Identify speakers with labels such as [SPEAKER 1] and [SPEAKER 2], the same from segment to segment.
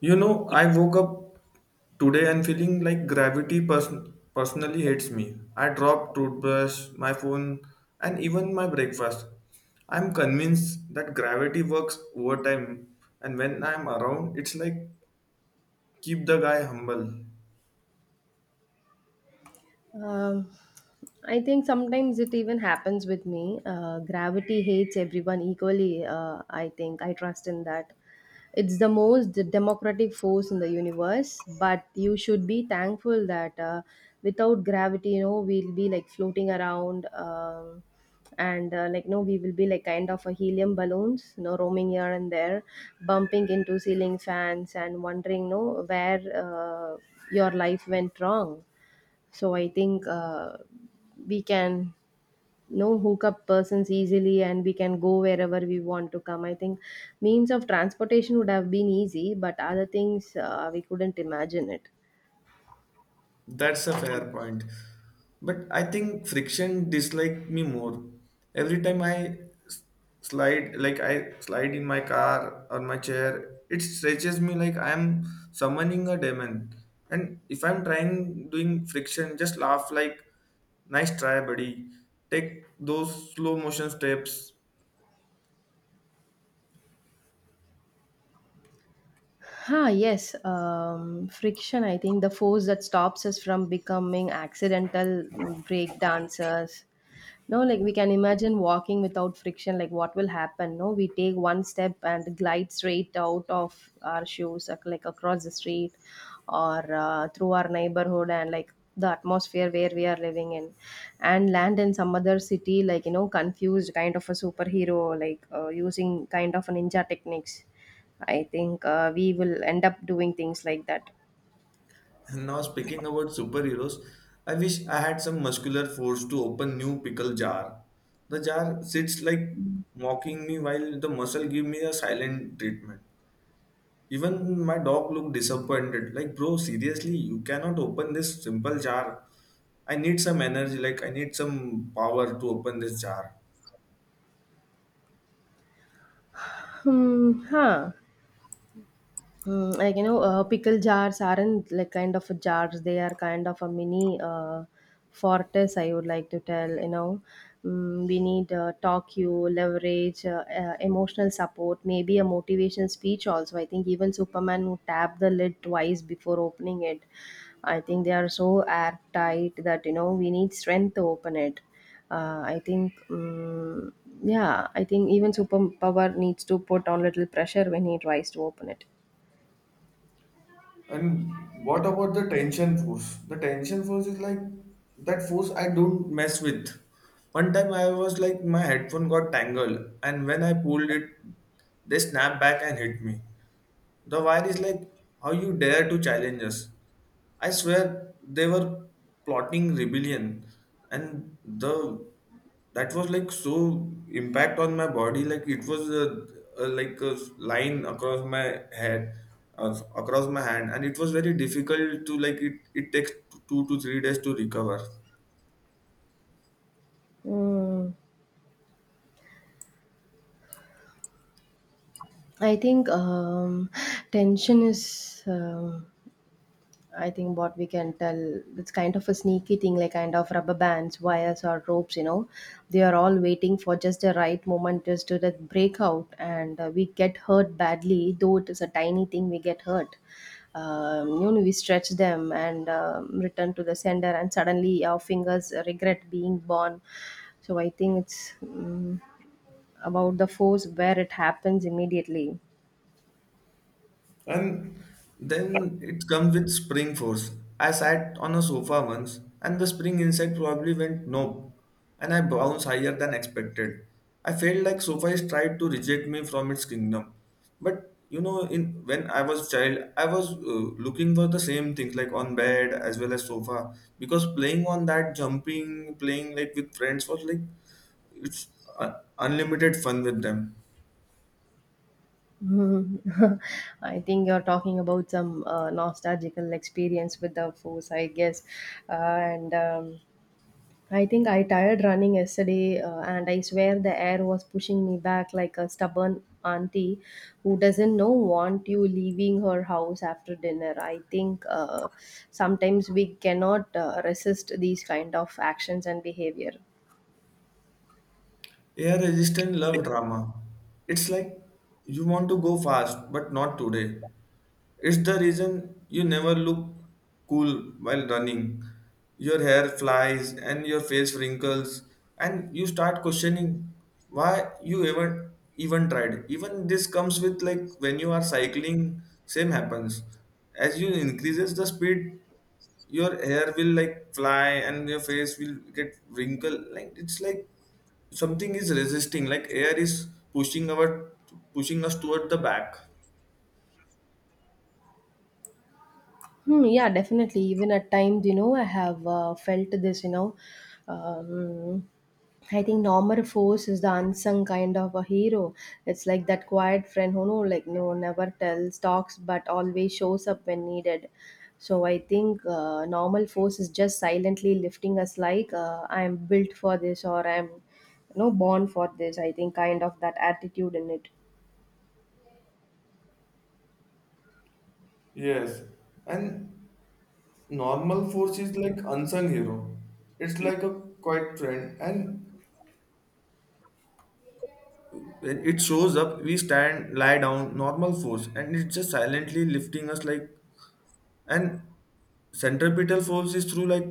[SPEAKER 1] You know, I woke up today and feeling like gravity personally hates me. I dropped toothbrush, my phone, and even my breakfast. I'm convinced that gravity works overtime, and when I'm around, it's like keep the guy humble.
[SPEAKER 2] Um, I think sometimes it even happens with me. Gravity hates everyone equally. I think I trust in that. It's the most democratic force in the universe, but you should be thankful that without gravity, you know, we'll be like floating around. And like no we will be like kind of a helium balloons, you know, roaming here and there, bumping into ceiling fans and wondering no where your life went wrong. So I think we can, you know, hook up persons easily, and we can go wherever we want to come. I think means of transportation would have been easy, but other things we couldn't imagine it.
[SPEAKER 1] That's a fair point. But I think friction dislike me more. Every time s- slide, like I slide in my car or my chair, it stretches me like I'm summoning a demon. And if I'm trying doing friction, just laugh like, nice try, buddy. Take those slow motion steps.
[SPEAKER 2] Huh, yes, friction. I think the force that stops us from becoming accidental break dancers. No, like we can imagine walking without friction, like what will happen? No, we take one step and glide straight out of our shoes, like across the street or through our neighborhood and like the atmosphere where we are living in, and land in some other city, like you know, confused kind of a superhero, like using kind of a ninja techniques. I think we will end up doing things like that.
[SPEAKER 1] Now, speaking about superheroes, I wish I had some muscular force to open new pickle jar. The jar sits like mocking me while the muscle give me a silent treatment. Even my dog looked disappointed. Like, bro, seriously, you cannot open this simple jar. I need some energy, like I need some power to open this jar.
[SPEAKER 2] Hmm, huh. Like you know, pickle jars aren't like kind of jars. They are kind of a mini fortress. I would like to tell, you know, we need talk you leverage, emotional support, maybe a motivation speech also. I think even Superman who tapped the lid twice before opening it. I think they are so airtight that you know we need strength to open it. I think, yeah, I think even superpower needs to put on little pressure when he tries to open it.
[SPEAKER 1] And what about the tension force? The tension force is like that force I don't mess with. One time I was like my headphone got tangled, and when I pulled it, they snapped back and hit me. The wire is like, how you dare to challenge us? I swear they were plotting rebellion, and the that was like so impact on my body, like it was like a line across my head, across my hand, and it was very difficult to like it. It takes 2 to 3 days to recover.
[SPEAKER 2] Mm, I think tension is, I think what we can tell, it's kind of a sneaky thing, like kind of rubber bands, wires, or ropes, you know. They are all waiting for just the right moment just to that break out, and we get hurt badly, though it is a tiny thing, we get hurt. You know, we stretch them and return to the sender, and suddenly our fingers regret being born. So I think it's about the force where it happens immediately.
[SPEAKER 1] And then it comes with spring force. I sat on a sofa once and the spring inside probably went nope and I bounced higher than expected. I felt like sofa is tried to reject me from its kingdom. But you know, in when I was child, I was looking for the same things like on bed as well as sofa because playing on that, jumping, playing like with friends was like it's uh, unlimited fun with them.
[SPEAKER 2] Mhm. I think you're talking about some nostalgical experience with the force, I guess. And I think I tired running yesterday, and I swear the air was pushing me back like a stubborn auntie who doesn't know want you leaving her house after dinner. I think sometimes we cannot resist these kind of actions and behavior.
[SPEAKER 1] Air resistant love drama. It's like you want to go fast, but not today. It's the reason you never look cool while running. Your hair flies and your face wrinkles, and you start questioning why you ever even tried. Even this comes with like when you are cycling, same happens. As you increases the speed, your hair will like fly and your face will get wrinkled. Like it's like something is resisting like air is pushing our pushing us toward the back.
[SPEAKER 2] Hmm, yeah, definitely. Even at times, you know, I have felt this, you know. Um, I think Norman Force is the unsung kind of a hero. It's like that quiet friend who no, like no never tells talks but always shows up when needed. So I think normal force is just silently lifting us like I am built for this, or I am, you know, born for this. I think kind of that attitude in it.
[SPEAKER 1] Yes, and normal force is like unsung hero. It's like a quiet trend, and when it shows up we stand lie down normal force and it's just silently lifting us like. And centripetal force is through like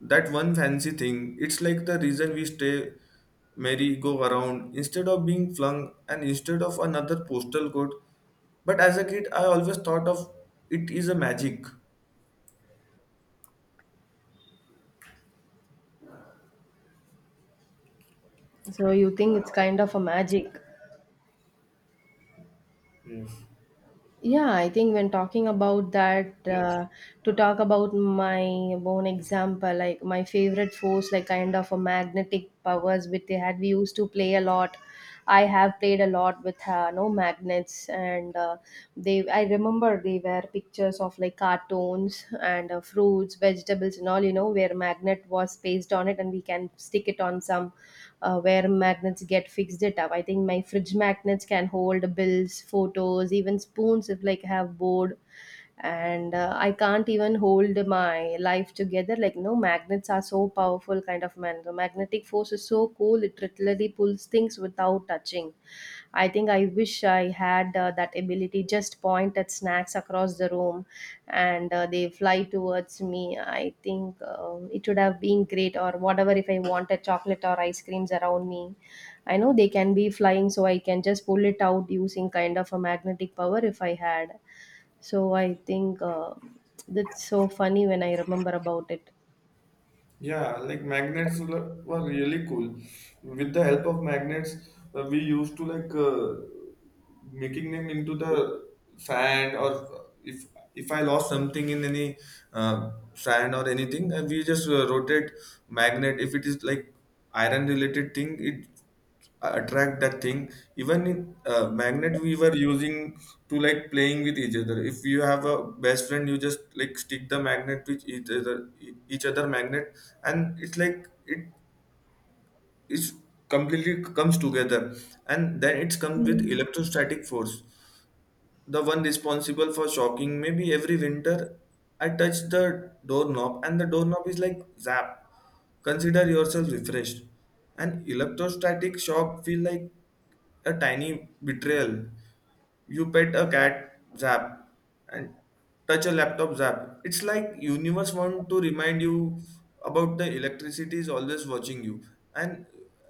[SPEAKER 1] that one fancy thing. It's like the reason we stay merry go around instead of being flung and instead of another postal code. But as a kid, I always thought of it is a magic.
[SPEAKER 2] So you think it's kind of a magic.
[SPEAKER 1] Yes.
[SPEAKER 2] Yeah, I think when talking about that, to talk about my own example, like my favorite force, like kind of a magnetic powers which they had, we used to play a lot. I have played a lot with no magnets, and they. I remember they were pictures of like cartoons and fruits, vegetables, and all, you know, where magnet was placed on it, and we can stick it on some where magnets get fixed it up. I think my fridge magnets can hold bills, photos, even spoons if like I have board, and I can't even hold my life together, like no magnets are so powerful, kind of man the magnetic force is so cool, it literally pulls things without touching. I think I wish I had that ability, just point at snacks across the room, and they fly towards me. I think it would have been great or whatever if I wanted chocolate or ice creams around me. I know they can be flying, so I can just pull it out using kind of a magnetic power if I had. So I think that's so funny when I remember about it.
[SPEAKER 1] Yeah, like magnets were really cool. With the help of magnets, we used to making them into the sand or if if I lost something in any sand or anything we just rotate magnet if it is like iron related thing it attract that thing even in magnet we were using to like playing with each other if you have a best friend you just like stick the magnet with each other magnet and it's like it's completely comes together. And then it's comes with electrostatic force, the one responsible for shocking maybe every winter. I touch the doorknob and the doorknob is like zap, consider yourself refreshed. An electrostatic shock feel like a tiny betrayal. You pet a cat zap and touch a laptop zap. It's like universe want to remind you about the electricity is always watching you. And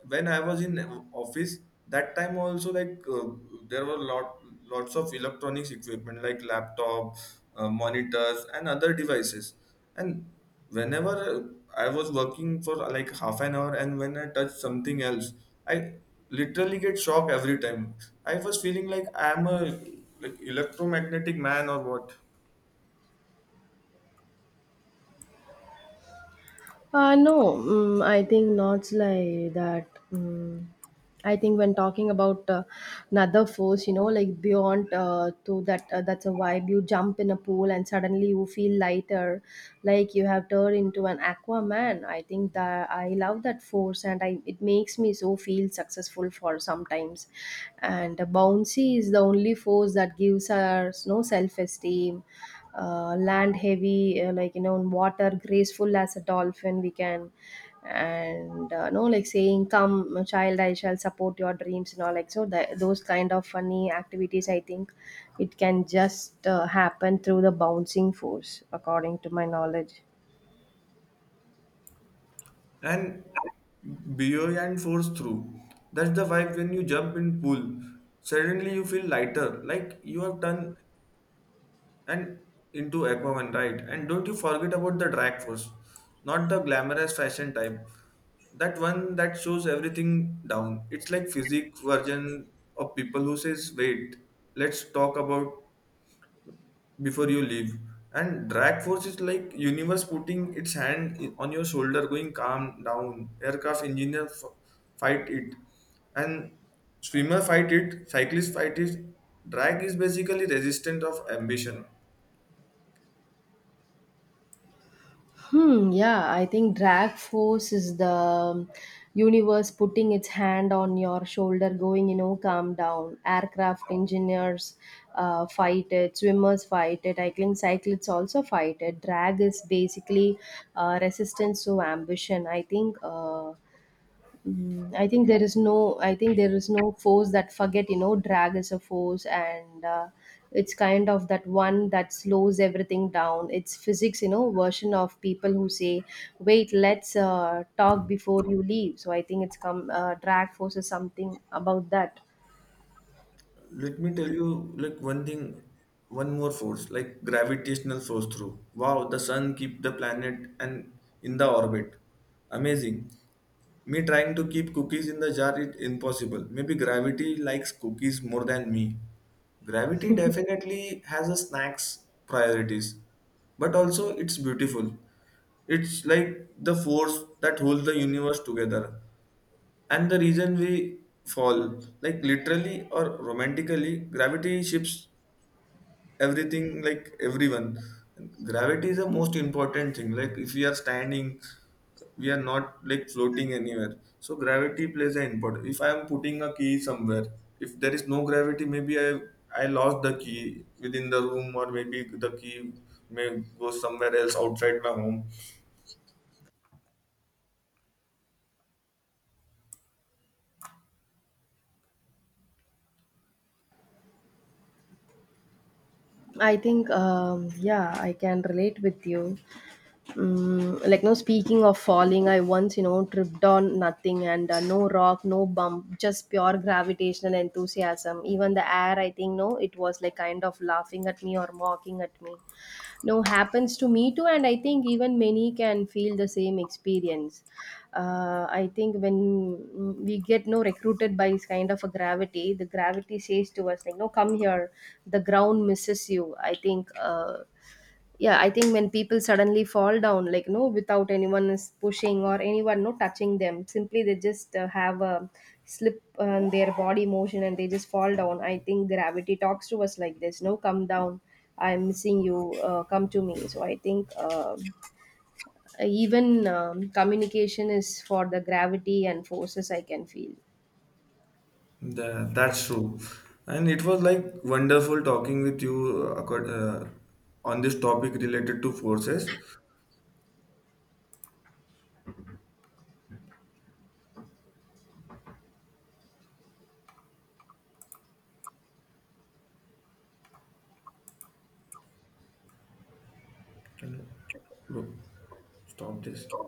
[SPEAKER 1] when I was in office that time also like there were lots of electronics equipment like laptop, monitors and other devices. And whenever I was working for like half an hour and when I touch something else, I literally get shocked every time. I was feeling like I am a like electromagnetic man or what.
[SPEAKER 2] No, I think not like that. I think when talking about another force, you know, like beyond to that, that's a vibe. You jump in a pool and suddenly you feel lighter, like you have turned into an Aquaman. I think that I love that force, and I it makes me so feel successful for sometimes. And bouncy is the only force that gives us no self esteem, land heavy like you know on water, graceful as a dolphin we can, and no like saying, come child, I shall support your dreams, and all like so that, those kind of funny activities. I think it can just happen through the bouncing force according to my knowledge.
[SPEAKER 1] And beyond force through, that's the vibe when you jump in pool. Suddenly you feel lighter, like you have done and into Aquaman, right? And don't you forget about the drag force, not the glamorous fashion type. That one that shows everything down. It's like physique version of people who says, "Wait, let's talk about before you leave." And drag force is like universe putting its hand on your shoulder going calm down aircraft engineer fight it. And swimmer fight it, cyclist fight it. Drag is basically resistance of ambition.
[SPEAKER 2] Hmm, yeah, I think drag force is the universe putting its hand on your shoulder, going, you know, calm down. Aircraft engineers fight it, swimmers fight it, cycling cyclists also fight it. Drag is basically resistance to ambition. I think I think there is no. I think there is no force that forget. You know, drag is a force, and it's kind of that one that slows everything down. It's physics, you know, version of people who say, "Wait, let's talk before you leave." So I think it's come. Drag force is something about that.
[SPEAKER 1] Let me tell you like one thing, one more force like gravitational force through, wow, the sun keep the planet and in the orbit, amazing. Me trying to keep cookies in the jar is impossible. Maybe gravity likes cookies more than me. Gravity definitely has a snacks priorities, but also it's beautiful. It's like the force that holds the universe together. And the reason we fall, like literally or romantically, gravity shifts everything like everyone. Gravity is the most important thing, like if we are standing we are not like floating anywhere, so gravity plays an important. If I am putting a key somewhere, if there is no gravity maybe i lost the key within the room or maybe the key may go somewhere else outside my home.
[SPEAKER 2] I think, yeah, I can relate with you. Like no speaking of falling, I once, you know, tripped on nothing, and no rock no bump, just pure gravitational enthusiasm. Even the air, I think no it was like kind of laughing at me or mocking at me. No, happens to me too, and I think even many can feel the same experience. I think when mm, We get no recruited by this kind of a gravity, the gravity says to us like, no come here, the ground misses you. I think yeah, I think when people suddenly fall down, like no without anyone is pushing or anyone no touching them, simply they just have a slip on their body motion and they just fall down. I think gravity talks to us like this, no come down, I'm missing you, come to me. So I think um, even communication is for the gravity and forces I can feel.
[SPEAKER 1] That's true and it was like wonderful talking with you, uh, accord- uh, on this topic related to forces. Can you stop this?